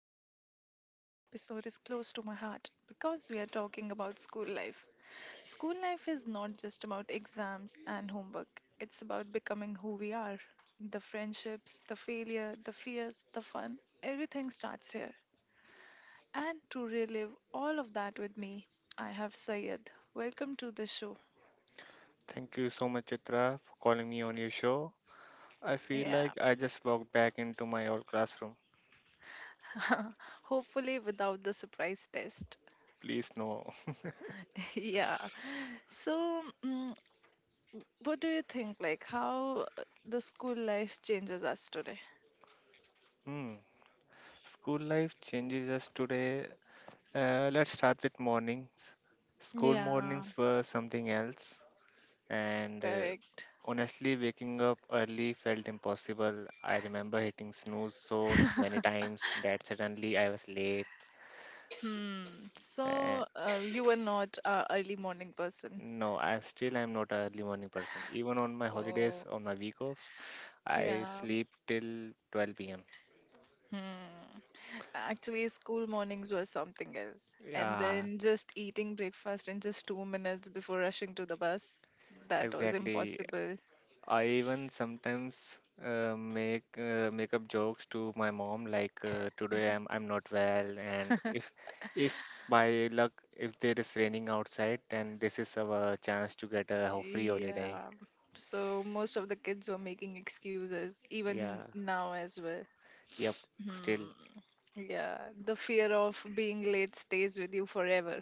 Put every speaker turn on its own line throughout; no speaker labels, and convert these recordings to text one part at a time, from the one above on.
Chitra, and today episode is close to my heart because we are talking about school life. School life is not just about exams and homework; it's about becoming who we are. The friendships, the failure, the fears, the fun, everything starts here. And to relive all of that with me, I have Sayed. Welcome to the show.
Thank you so much, Chitra, for calling me on your show. I feel
Yeah,
like I just walked back into my old classroom.
hopefully without the surprise test.
Please, no.
Yeah. So, what do you think? Like, how the school life changes us today?
Hmm. School life changes us today. Let's start with mornings. School
Yeah,
mornings were something else, and uh,
correct.
honestly, waking up early felt impossible. I remember hitting snooze so many times that suddenly I was late.
Hmm.
Uh,
So, you were not a early morning person.
no, I still am not an early morning person. Even on my holidays,
Oh,
on my week offs, I
yeah.
sleep till 12 p.m.
Hmm. Actually, school mornings were something else. And
Yeah,
then just eating breakfast in just 2 minutes before rushing to the bus, that was
exactly.
impossible.
I even sometimes make up jokes to my mom like today I'm not well and if by luck if there is raining outside, then this is our chance to get a free holiday.
Yeah. So most of the kids were making excuses, even
Yeah.
now as well.
Yep. Still.
Hmm, yeah, the fear of being late stays with you forever.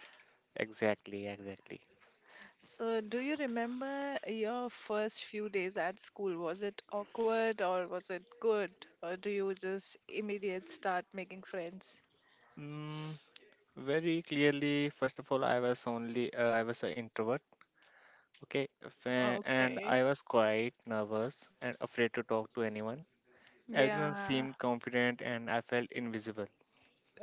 Exactly. Exactly.
So, do you remember your first few days at school? Was it awkward or was it good? Or do you just immediate start making friends?
Mm, very clearly, first of all, I was an introvert. Okay, and
Okay.
I was quite nervous and afraid to talk to anyone. Everyone
Yeah.
seemed confident and I felt invisible.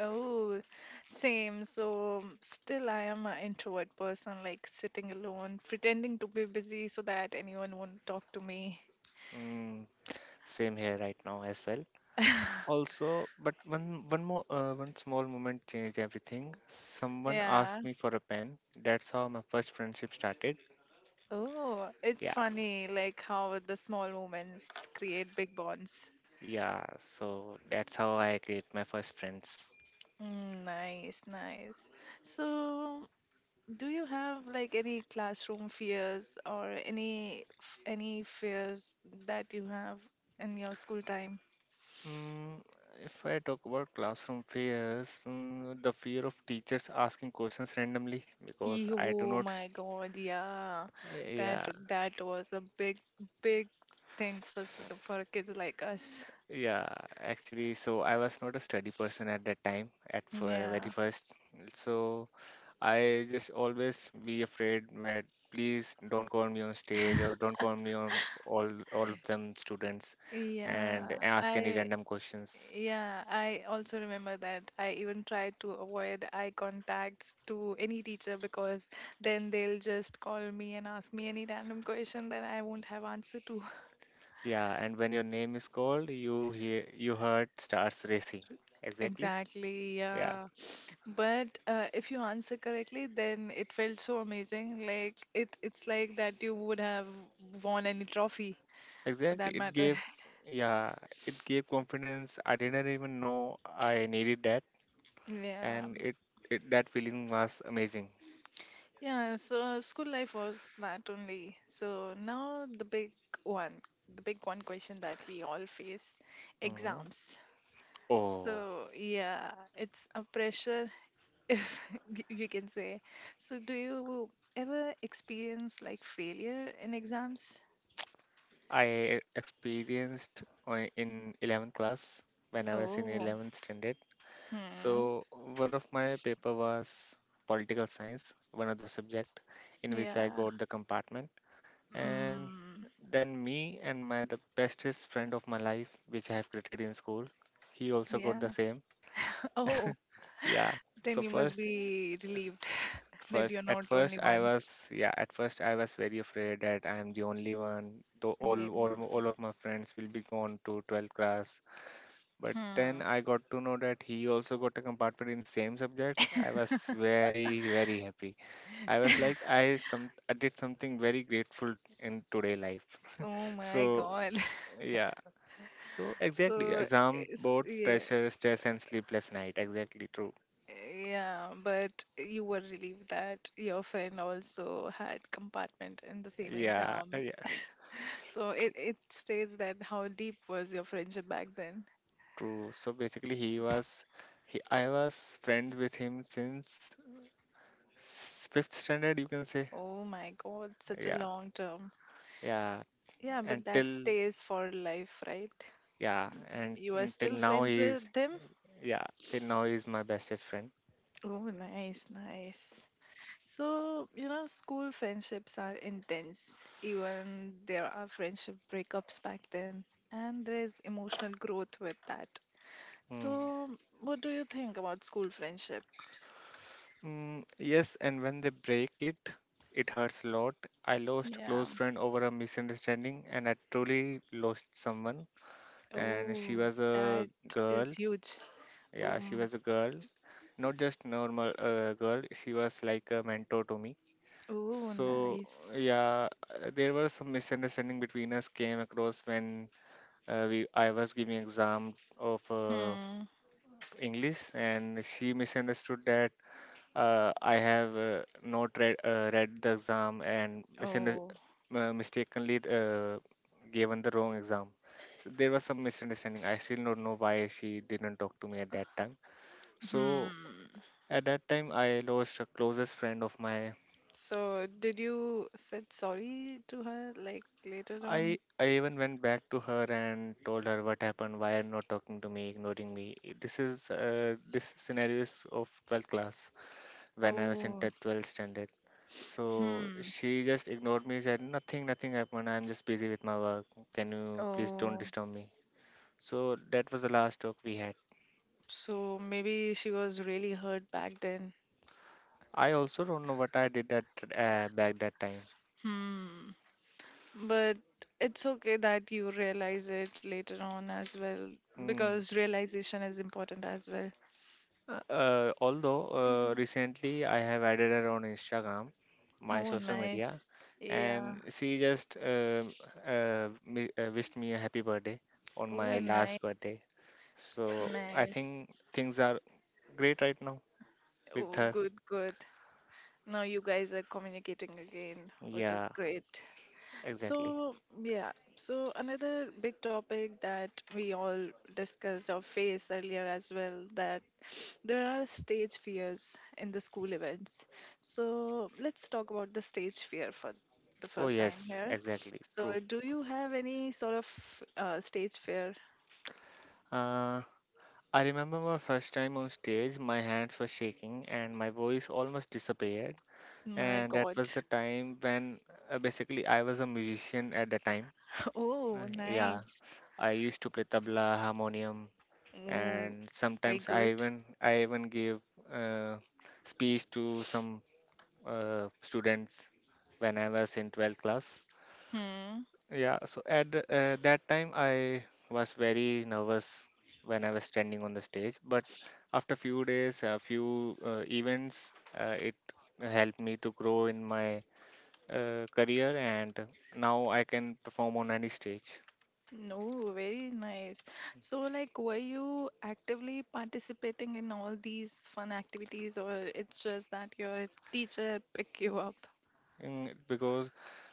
Oh, same. So still I am an introvert person, like sitting alone, pretending to be busy so that anyone won't talk to me.
Mm, same here right now as well. Also, but one small moment changed everything. Someone
Yeah.
asked me for a pen. That's how my first friendship started.
Oh, it's
Yeah,
funny, like how the small moments create big bonds.
yeah. So that's how I create my first friends.
Mm, nice, nice. So, do you have like any classroom fears or any fears that you have in your school time?
Mm, if I talk about classroom fears, the fear of teachers asking questions randomly because I do
Oh
not.
my God, yeah, that
Yeah,
that was a big thing for kids like us.
yeah. Actually, so I was not a study person at that time, very
Yeah,
first. So I just always be afraid that please don't call me on stage or don't call me on all of them students and
yeah.
ask any
I
random questions.
Yeah, I also remember that. I even tried to avoid eye contacts to any teacher because then they'll just call me and ask me any random question that I won't have answer to.
Yeah, and when your name is called, you heard starts racing. Exactly.
Exactly,
Yeah,
yeah. But if you answer correctly, then it felt so amazing. Like it's like that you would have won any trophy for
exactly.
that
It
matter.
gave yeah, it gave confidence. I didn't even know I needed that,
Yeah.
and it, that feeling was amazing.
Yeah, so school life was that only. So now one, the big one question that we all face,
Mhm.
exams.
Oh,
So yeah, it's a pressure if you can say. So do you ever experience like failure in exams?
I experienced in 11th class when I was in
Oh,
11th standard.
hmm.
So one of my paper was political science, one of the subject in which I
Yeah.
got the compartment, and
Mm,
then me and my the bestest friend of my life, which I have created in school, he also got the
yeah.
same.
Oh,
Yeah. So
then you must
first
be relieved that
first
you're
at
not
first
only
I
one.
was yeah at first, I was very afraid that I am the only one, though all
Okay.
all all of my friends will be gone to 12th class. But then
Hmm.
I got to know that he also got a compartment in same subjects. I was very very happy. I was like, I some I did something very grateful in today life.
Oh
So
my God.
yeah. So exactly,
So,
exam board
yeah,
pressure, stress, and sleepless night. Exactly true.
yeah, but you were relieved that your friend also had compartment in the same
Yeah,
exam.
yeah,
So it states that how deep was your friendship back then.
true. So basically, I was friends with him since fifth standard, you can say.
Oh my God, such a
Yeah,
long term.
yeah.
Yeah, but that
Until
stays for life, right?
yeah, and
You are
until
still
now
friends
he's
with them?
yeah, till now he's my bestest friend.
Oh, nice, nice. So, school friendships are intense. Even there are friendship breakups back then, and there's emotional growth with that.
Mm.
So, what do you think about school friendships?
Mm, yes, and when they break it, it hurts a lot. I lost
Yeah.
close friend over a misunderstanding, and I truly lost someone, and she
Oh,
was
that
a
is
girl.
huge.
Yeah, she
Um,
was a girl, not just normal girl. She was like a mentor to me.
oh,
So
nice.
yeah, there was some misunderstanding between us came across when we I was giving exam of
Hmm.
English, and she misunderstood that I have not read, read the exam and
Oh.
mistakenly given the wrong exam. So there was some misunderstanding. I still don't know why she didn't talk to me at that time. So
Hmm.
at that time, I lost a closest friend of my.
So, did you said sorry to her like later
I
on?
I even went back to her and told her what happened, why are you not talking to me, ignoring me. This is this scenario is of 12th class when I was in
Oh.
12th standard. So
Hmm.
she just ignored me, said, "Nothing, nothing happened. I'm just busy with my work. Can you please don't
Oh.
disturb me?" So that was the last talk we had.
So maybe she was really hurt back then.
I also don't know what I did at, back that time.
Hmm. But it's okay that you realize it later on as well
Hmm.
because realization is important as well.
Although recently I have added her on Instagram, my
Oh,
social media,
nice. Yeah.
and she just wished me a happy birthday on my
Oh, nice.
last birthday. So I
Nice.
think things are great right now with
Oh,
her.
good, good. Now you guys are communicating again, which is
Yeah.
great.
Exactly.
So, yeah, so another big topic that we all discussed or faced earlier as well that there are stage fears in the school events. So, let's talk about the stage fear for the
Oh,
first time
yes,
here.
exactly.
So,
True.
do you have any sort of stage fear?
Uh, I remember my first time on stage, my hands were shaking and my voice almost disappeared.
My
And that
God.
was the time when basically I was a musician at the time.
Oh,
Yeah,
nice.
I used to play tabla, harmonium,
Oh,
and
very
sometimes
good.
I even gave uh, speech to some students when I was in 12th class.
Hmm.
Yeah, so at that time I was very nervous when I was standing on the stage, but after few days, a few events, it helped me to grow in my career, and now I can perform on any stage.
No, very nice. So, like, were you actively participating in all these fun activities, or it's just that your teacher pick you up?
Mm, because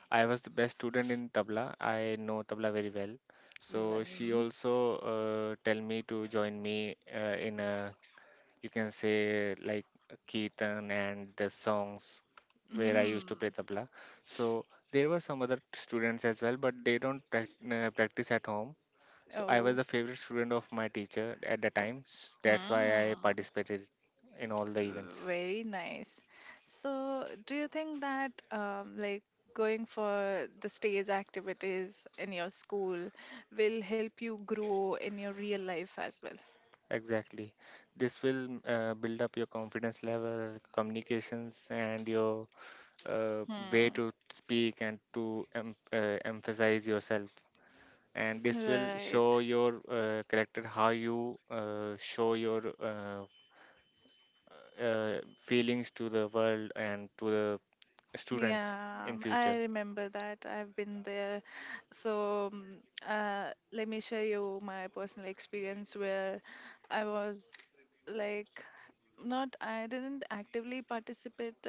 I was the best student in tabla, I know tabla very well. So she
And
also tell me to join me in a, you can say, like Keetan and the songs where I used to play
mm,
tabla. So there were some other students as well, but they don't prac- practice at home. So I
oh,
was the favorite student of my teacher at the
oh,
time. That's why I
mm,
participated in all the events.
very nice. So, do you think that, like, going for the stage activities in your school will help you grow in your real life as well?
Exactly. This will build up your confidence level, communications, and your uh, way
Hmm,
to speak and to emphasize yourself, and this will
right.
show your character, how you show your feelings to the world and to the students
Yeah,
in future.
I remember that. I've been there. So, let me share you my personal experience where I was like not I didn't actively participate,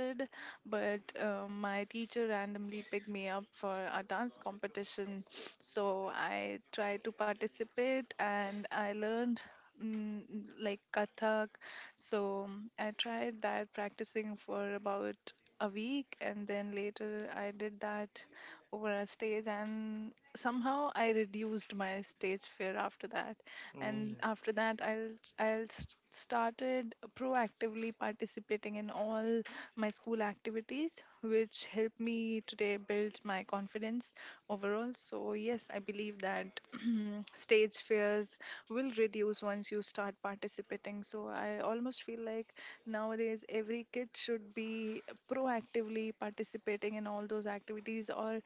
but my teacher randomly picked me up for a dance competition. So I tried to participate and I learned mm, like Kathak. So I tried that practicing for about a week and then later I did that over a stage and somehow I reduced my stage fear after that, and
mm,
after that started proactively participating in all my school activities, which helped me today build my confidence overall. So yes, I believe that stage fears will reduce once you start participating. So I almost feel like nowadays every kid should be proactively participating in all those activities or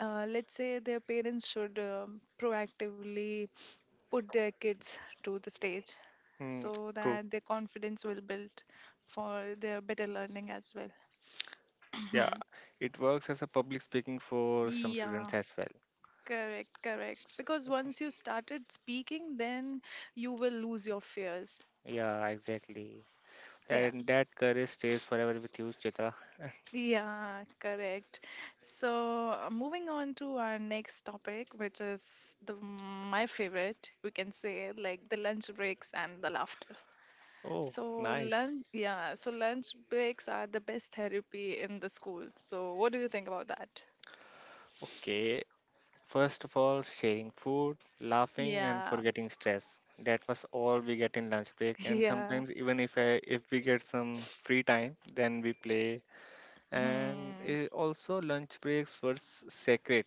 let's say their parents should proactively put their kids to the stage
mm,
so
True.
that their confidence will build for their better learning as well.
Yeah,
Mhm.
it works as a public speaking for some students
Yeah,
as well.
correct,
S-
correct.
s-
Because
s-
once you started speaking, then you will lose your fears.
yeah, exactly, and
Yes.
that courage stays forever with you, Chitra.
Yeah, correct. So, moving on to our next topic, which is the my favorite, we can say, like the lunch breaks and the laughter.
Oh,
So
nice.
lunch, yeah, so lunch breaks are the best therapy in the school. So what do you think about that?
Okay. First of all, sharing food, laughing, and
Yeah,
forgetting stress. That was all we get in lunch break, and
yeah,
sometimes even if we get some free time, then we play. And
hmm.
eh, also, lunch breaks were sacred.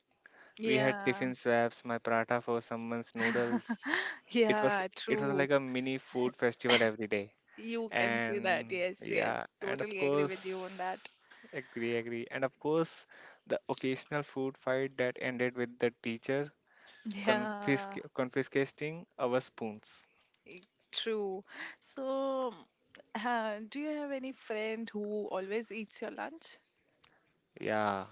We had
Yeah,
tiffin swaps, my paratha for someone's noodles. It was
yeah,
it was
true.
like a mini food festival every day.
You can say that.
And
Yes,
yeah,
yes,
and of
totally agree
course,
with you on that.
agree, agree, and of course, the occasional food fight that ended with the teacher
Yeah,
confiscating our spoons.
i- true. So, do you have any friend who always eats your lunch?
Yeah,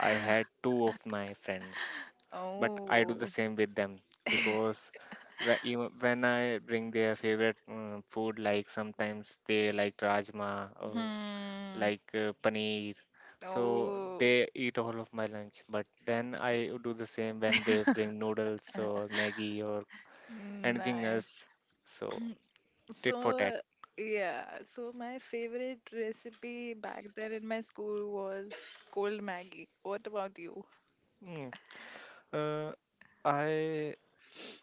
I had two of my friends, but I do the
Oh,
same with them because even when I bring their favorite food, like sometimes they like rajma or
hmm.
like paneer, so they
Oh,
eat all of my lunch. But then I do the same when they bring noodles or Maggie or anything
nice.
else. So tit for tat.
So, yeah, so my favorite recipe back then in my school was cold Maggie. What about you?
Mm. Uh, I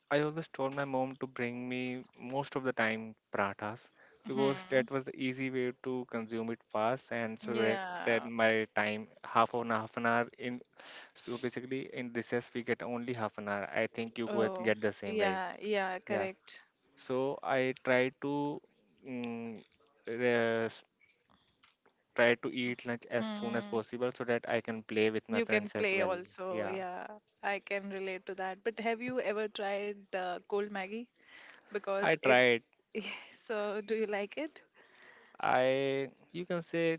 I always told my mom to bring me most of the time parathas because
Hmm.
that was the easy way to consume it fast and so that
Yeah.
my time half an hour in, so basically in recess we get only half an hour. I think you could
Oh,
get the same right.
yeah, yeah,
Yeah.
correct.
So I try to mm, uh, try to eat lunch as soon as
Hmm.
possible so that I can play with my
You can
friends as
play
well.
also.
Yeah.
Yeah, I can relate to that. But have you ever tried the cold Maggie?
I
Because it's
tried.
so do you like it?
I, you can say,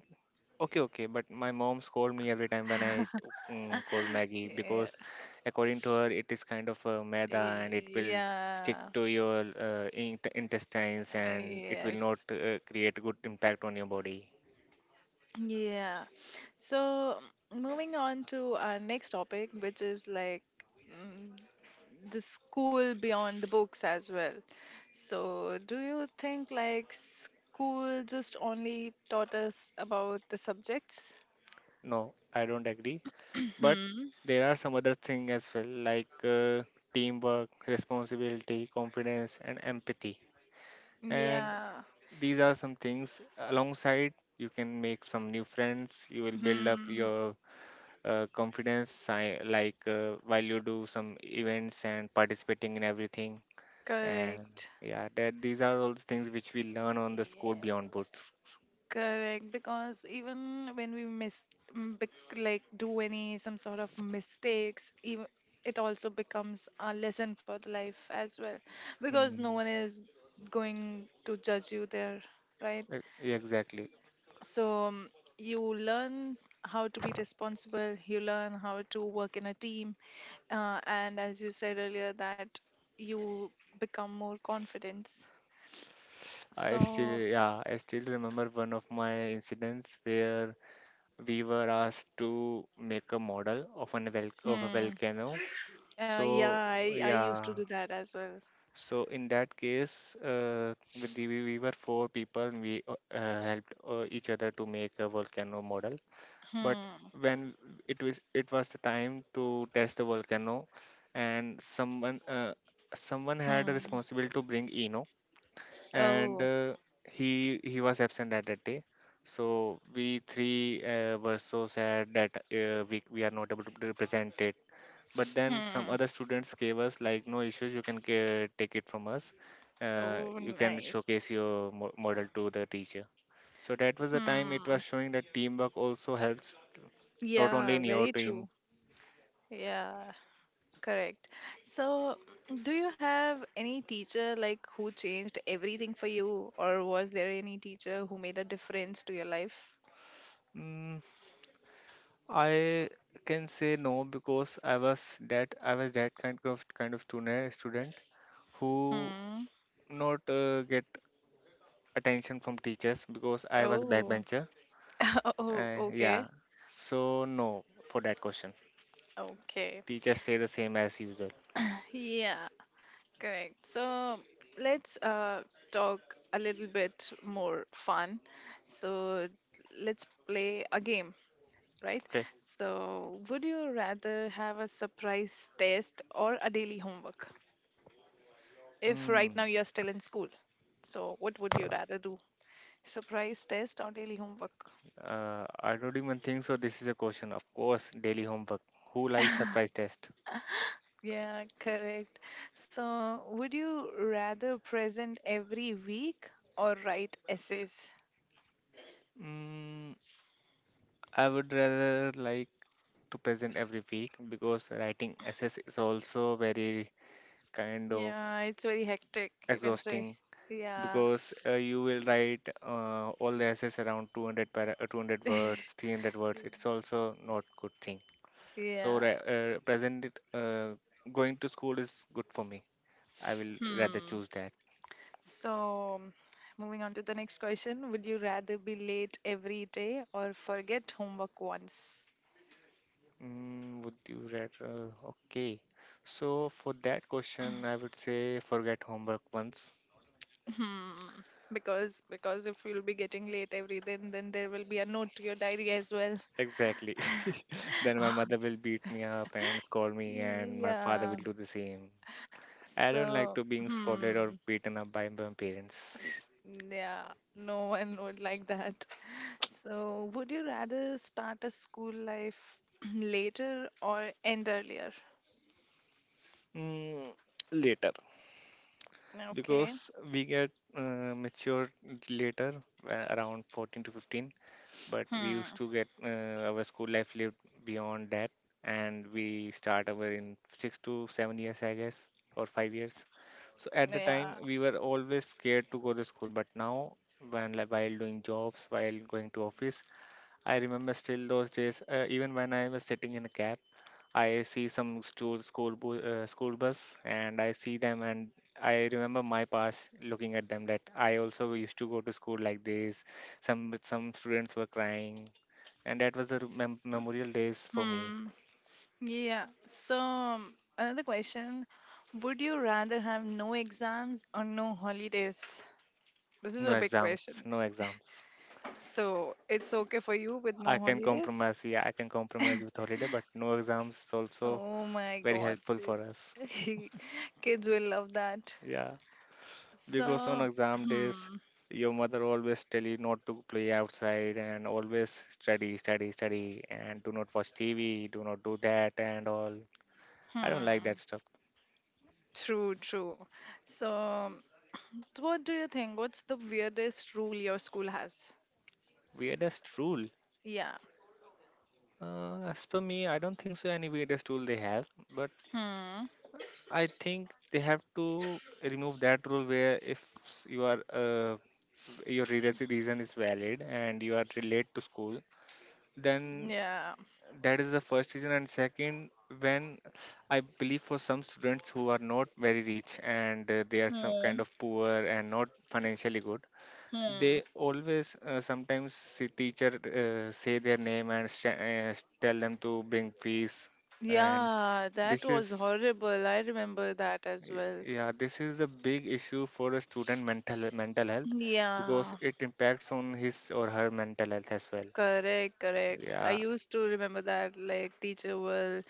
okay, okay, but my mom scold me every time when I t- mm, cold Maggie
Yeah.
because, according to her, it is kind of a maida and it will stick
Yeah.
to your intestines
Yeah,
and it will not
yes.
create good impact on your body.
Yeah. So moving on to our next topic, which is like mm, the school beyond the books as well. So do you think like school just only taught us about the subjects?
No, I don't agree. But
Hmm.
there are some other things as well, like teamwork, responsibility, confidence, and empathy. And
Yeah.
these are some things. Alongside, you can make some new friends. You will build up
Hmm.
your confidence, like while you do some events and participating in everything, and
Correct.
yeah, that these are all the things which we learn on the school
Yeah.
beyond books.
Correct, because even when we miss, like do any some sort of mistakes, even it also becomes a lesson for the life as well, because no
mm,
one is going to judge you there, right?
yeah, exactly.
So you learn how to be responsible. You learn how to work in a team, and as you said earlier, that you become more confident.
i still
So,
yeah i still remember one of my incidents where we were asked to make a model of of a
hmm,
volcano. So
yeah, I used
yeah,
to do that as well.
so in that case, we were four people. And We helped each other to make a volcano model. But
Hmm.
when it was the time to test the volcano, and someone had a
Hmm.
responsibility to bring Eno, and
Oh.
he was absent at that day. So we three were so sad that we are not able to represent it, but then some
Hmm.
other students gave us, like, no issues, you can take it from us.
Oh,
You can
nice.
showcase your model to the teacher. So that was the time it
Hmm.
was showing that teamwork also helps, not only
Yeah,
in your
very
team.
true. Yeah, correct. So, do you have any teacher like who changed everything for you, or was there any teacher who made a difference to your life?
mm, I can say no, because I was that kind of student who
Hmm.
not get attention from teachers, because I was
Oh.
backbencher.
Oh, okay.
Yeah, so no, for that question,
Okay.
teachers stay the same as usual.
Yeah. Correct. So let's talk a little bit more fun. So let's play a game, right?
Okay.
So, would you rather have a surprise test or a daily homework? If right
Hmm.
now you're still in school, so what would you rather do? Surprise test or daily homework?
I don't even think so. This is a question. Of course, daily homework. Who likes surprise test?
Yeah, correct. So, would you rather present every week or write essays?
Mm, I would rather like to present every week, because writing essays is also very kind of
Yeah, it's very hectic, you can say.
exhausting,
Yeah.
because you will write all the essays around 200 words, 300 words. It's also not good thing. So
Yeah.
present it. Going to school is good for me. I will rather
Hmm.
choose that.
So, moving on to the next question, would you rather be late every day or forget homework once?
Would you rather? Okay. So for that question, I would say, forget homework once.
Hmm. Because if you'll be getting late every day, then there will be a note to your diary as well.
Exactly. Then my mother will beat me up and scold me, and my father will
Yeah.
do the same. I don't
So,
like to being scolded
hmm.
or beaten up by my parents.
Yeah, no one would like that. So, would you rather start a school life later or end earlier?
Mm, Later,
Okay.
because we get mature later, around 14 to 15. But we used
Hmm.
to get our school life lived beyond that, and we start our in 6 to 7 years, I guess, or 5 years. So at the
Yeah.
time we were always scared to go to school, but now, when, like, while doing jobs, while going to office, I remember still those days, even when I was sitting in a cab, I see some school bus, and I see them, and I remember my past, looking at them, that I also used to go to school like this. Some students were crying, and that was the memorial days for me.
Hmm. Yeah. So, another question. Would you rather have no exams or no holidays? This is
No
a big
exams,
question.
no exams.
So, it's okay for you with
I
no
can
holidays?
compromise. Yeah, I can compromise with holiday, but no exams is also
Oh my
very
God.
helpful for us.
Kids will love that.
Yeah, because on
So,
exam days,
hmm,
your mother always tell you not to play outside and always study, study, study, and do not watch TV, do not do that and all. I don't like
hmm,
that stuff.
true, true. So, what do you think? What's the weirdest rule your school has?
Weirdest rule.
Yeah.
As per me, I don't think so. Any weirdest rule they have, but
Hmm.
I think they have to remove that rule where if s- you are, your reason is valid and you are late to school, then
Yeah.
that is the first reason. And second, when I believe for some students who are not very rich and, they are some kind
Hmm.
of poor and not financially good,
Hmm.
they always sometimes see teacher say their name and tell them to bring fees, and
Yeah, that
this is
was horrible. I remember that as
Y-
well.
Yeah, this is a big issue for a student mental health, because
Yeah.
it impacts on his or her mental health as well.
Correct, correct. I
Yeah,
used to remember that like teacher will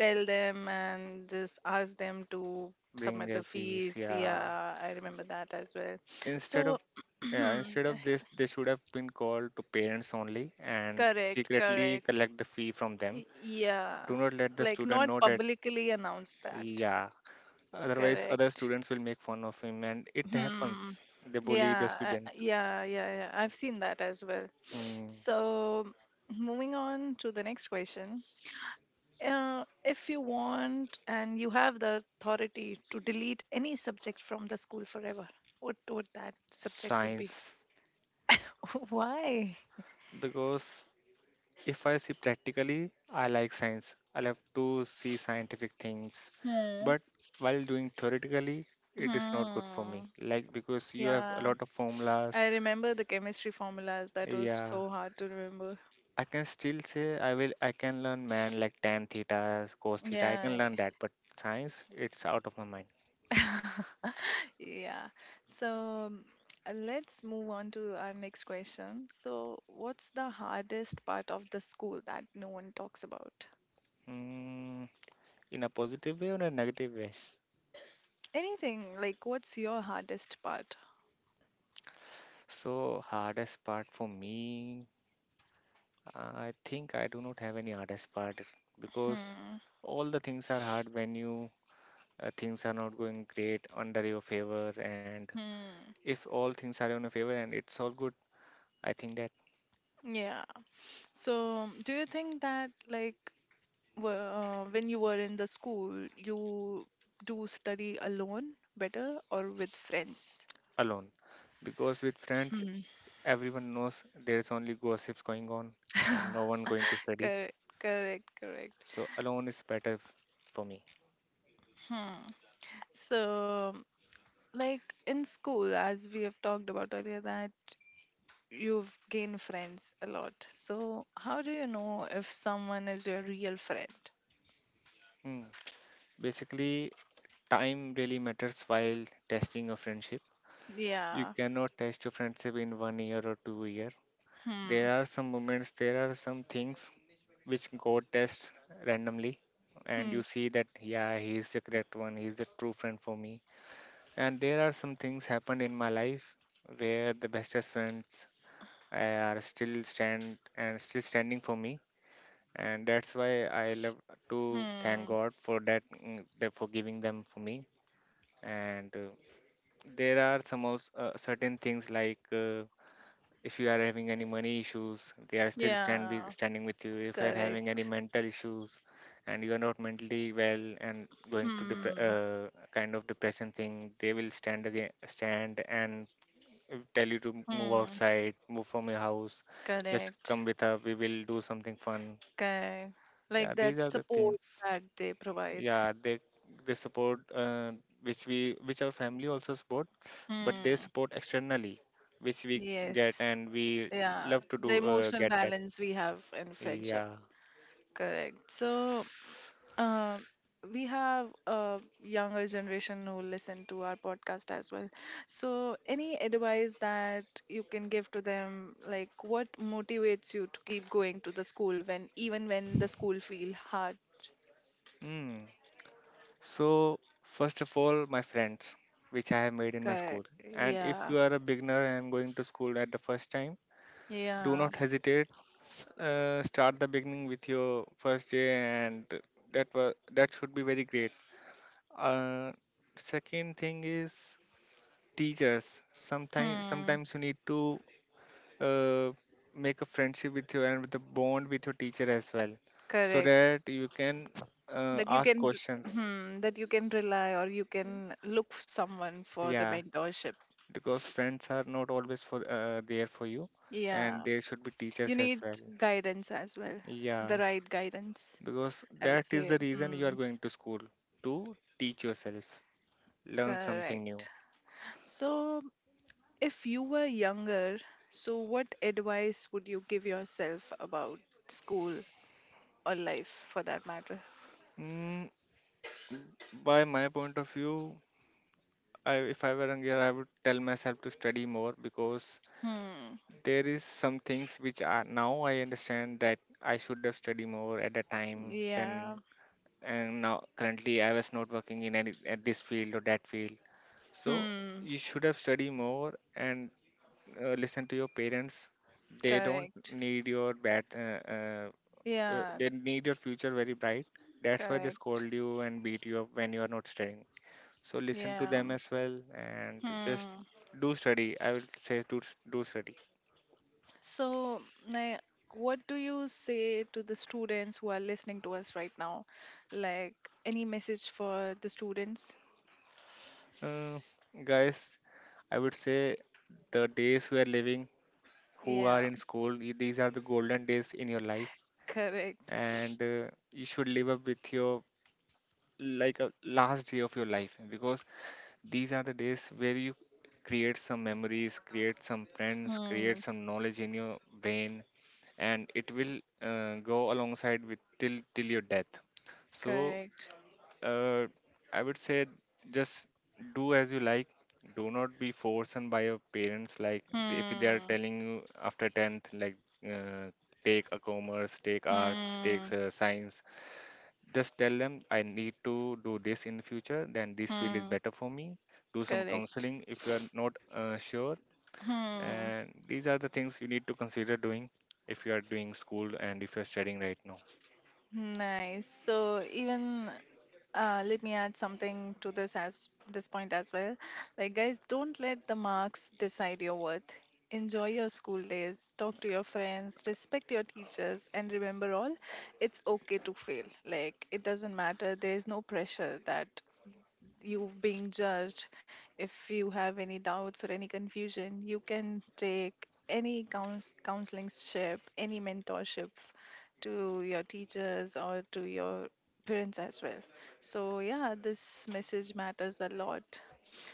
tell them and just ask them to
bring
submit
their
the
fees.
fees.
Yeah,
Yeah, I remember that as well.
instead of
So
yeah, instead of this, they should have been called to parents only and
correct,
secretly
correct.
collect the fee from them. Do
Yeah.
not let the
Like
student
not
know that.
publicly announce that.
Yeah, otherwise other
Correct.
students will make fun of him, and it
Hmm.
happens. They bully the
Yeah,
student.
yeah, yeah, yeah. I've seen that as well.
Mm,
So moving on to the next question. If you want and you have the authority to delete any subject from the school forever, what would that subject would be?
Science.
Why?
Because if I see practically, I like science. I love to see scientific things.
Hmm.
But while doing theoretically, it is not good for
Hmm.
me. Like, because you have a
Yeah,
lot of formulas.
I remember the chemistry formulas. That was
Yeah.
so hard to remember.
I can still say I can learn man, like tan theta, cos theta. I can
Yeah.
learn that, but science, it's out of my mind.
I- Yeah. So um, let's move on to our next question. So, what's the hardest part of the school that no one talks about?
Mm, in a positive way or a negative way?
Anything like what's your hardest part?
So, hardest part for me, I think I do not have any hardest part, because
Hmm.
all the things are hard when you, things are not going great under your favor, and
Hmm.
if all things are in your favor and it's all good, I think that.
Yeah. So, do you think that like when you were in the school, you do study alone better or with friends?
Alone. Because with friends,
Hmm.
everyone knows there's only gossips going on, and no one going to study.
Correct. Correct. Correct.
So alone is better for me.
Hmm. So, like in school, as we have talked about earlier, that you've gained friends a lot. So, how do you know if someone is your real friend?
Hmm. Basically, time really matters while testing a friendship. You
Yeah.
cannot test your friendship in 1 year or 2 year.
Hmm.
There are some moments, there are some things which God tests randomly, and you
Hmm.
see that, yeah, he is the correct one, he is the true friend for me. And there are some things happened in my life where the bestest friends are still stand and still standing for me, and that's why I love to thank
Hmm.
God for that, that for giving them for me. And there are some also, certain things, like, if you are having any money issues, they are still
Yeah,
standing with you. If you are having any
correct.
mental issues and you are not mentally well and going to
Hmm.
kind of depression thing, they will stand again, stand, and tell you to move
Hmm.
outside, move from your house, just
Correct.
come with us, we will do something fun.
Correct.
Yeah,
Like that
these are the
support
things.
that they provide.
Yeah, they support, which our family also support, but they
Hmm.
support externally, which we get
Yes.
and we
Yeah.
love to do
The emotional
get that.
balance we have in friendship.
Yeah.
Correct. So, Um, we have a younger generation who listen to our podcast as well. So, any advice that you can give to them, like what motivates you to keep going to the school when even when the school feel hard?
mm. So first of all, my friends which I have made in my
Correct.
school. And if
Yeah.
you are a beginner and going to school at the first time, do
Yeah.
not hesitate, start the beginning with your first day, and that should be very great. uh, Second thing is teachers. sometimes
Hmm.
sometimes you need to, uh, make a friendship with a bond with your teacher as well, so
Correct.
that you can
That you
ask
can, r-
questions.
hmm, that you can rely or you can look for someone for the
Yeah,
mentorship.
because friends are not always for there for you, and
Yeah.
there should be teachers
You
as
need
well.
guidance as well,
Yeah,
the right guidance.
because
I would
that is
say,
the reason you are
hmm,
going to school, to teach yourself, learn something
correct.
new.
So, if you were younger, so what advice would you give yourself about school or life for that matter?
Mm, by my point of view, if I were younger, I would tell myself to study more, because
Hmm,
there is some things which are now I understand that I should have studied more at the time than,
yeah,
and now currently I was not working in any at this field or that field. So
hmm,
you should have studied more and, listen to your parents. They don't
correct.
need your bad. Uh,
Yeah,
they need your future very bright. That's why they
correct.
scold you and beat you up when you are not studying. So listen to
Yeah,
them as well and just
hmm.
do study. I would say do study.
So, like, what do you say to the students who are listening to us right now? Like, any message for the students?
Uh, Guys, I would say, the days we are living, who are
Yeah,
in school, these are the golden days in your life,
correct.
and you should live up with your, like, a last day of your life, because these are the days where you create some memories, create some friends, create
Hmm,
some knowledge in your brain, and it will go alongside with till your death. So,
correct.
Uh, I would say, just do as you like. Do not be forced on by your parents. Like, if they are
Hmm.
telling you after 10th, like, uh, take a commerce, take arts, take,
Hmm.
science. Just tell them, I need to do this in the future. Then this field is
Hmm.
better for me. Do some
Correct.
counseling if you are not sure.
Hmm.
And these are the things you need to consider doing if you are doing school and if you are studying right now.
Nice. So even let me add something to this as this point as well. Like guys, don't let the marks decide your worth. Enjoy your school days, talk to your friends, respect your teachers, and remember all, it's okay to fail. Like, it doesn't matter. There's no pressure that you've been judged, if you have any doubts or any confusion, you can take any counseling ship, any mentorship to your teachers or to your parents as well. So, yeah, this message matters a lot.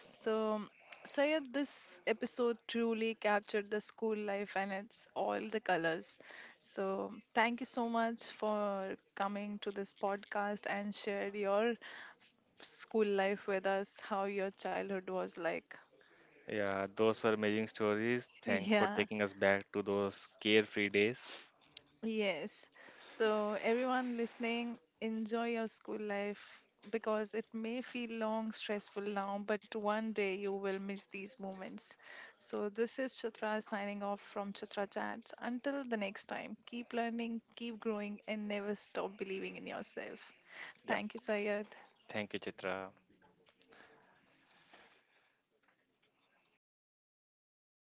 So, Sayed, this episode truly captured the school life and its all the colors. So, thank you so much for coming to this podcast and share your school life with us, how your childhood was like.
Yeah, those were amazing stories. Thank for
Yeah,
taking us back to those carefree days.
yes. So, everyone listening, enjoy your school life because it may feel long, stressful now, but one day you will miss these moments. So, this is Chitra signing off from Chitra Chats. Until the next time, keep learning, keep growing, and never stop believing in yourself.
Yeah,
Thank you, Sayed.
thank you, Chitra.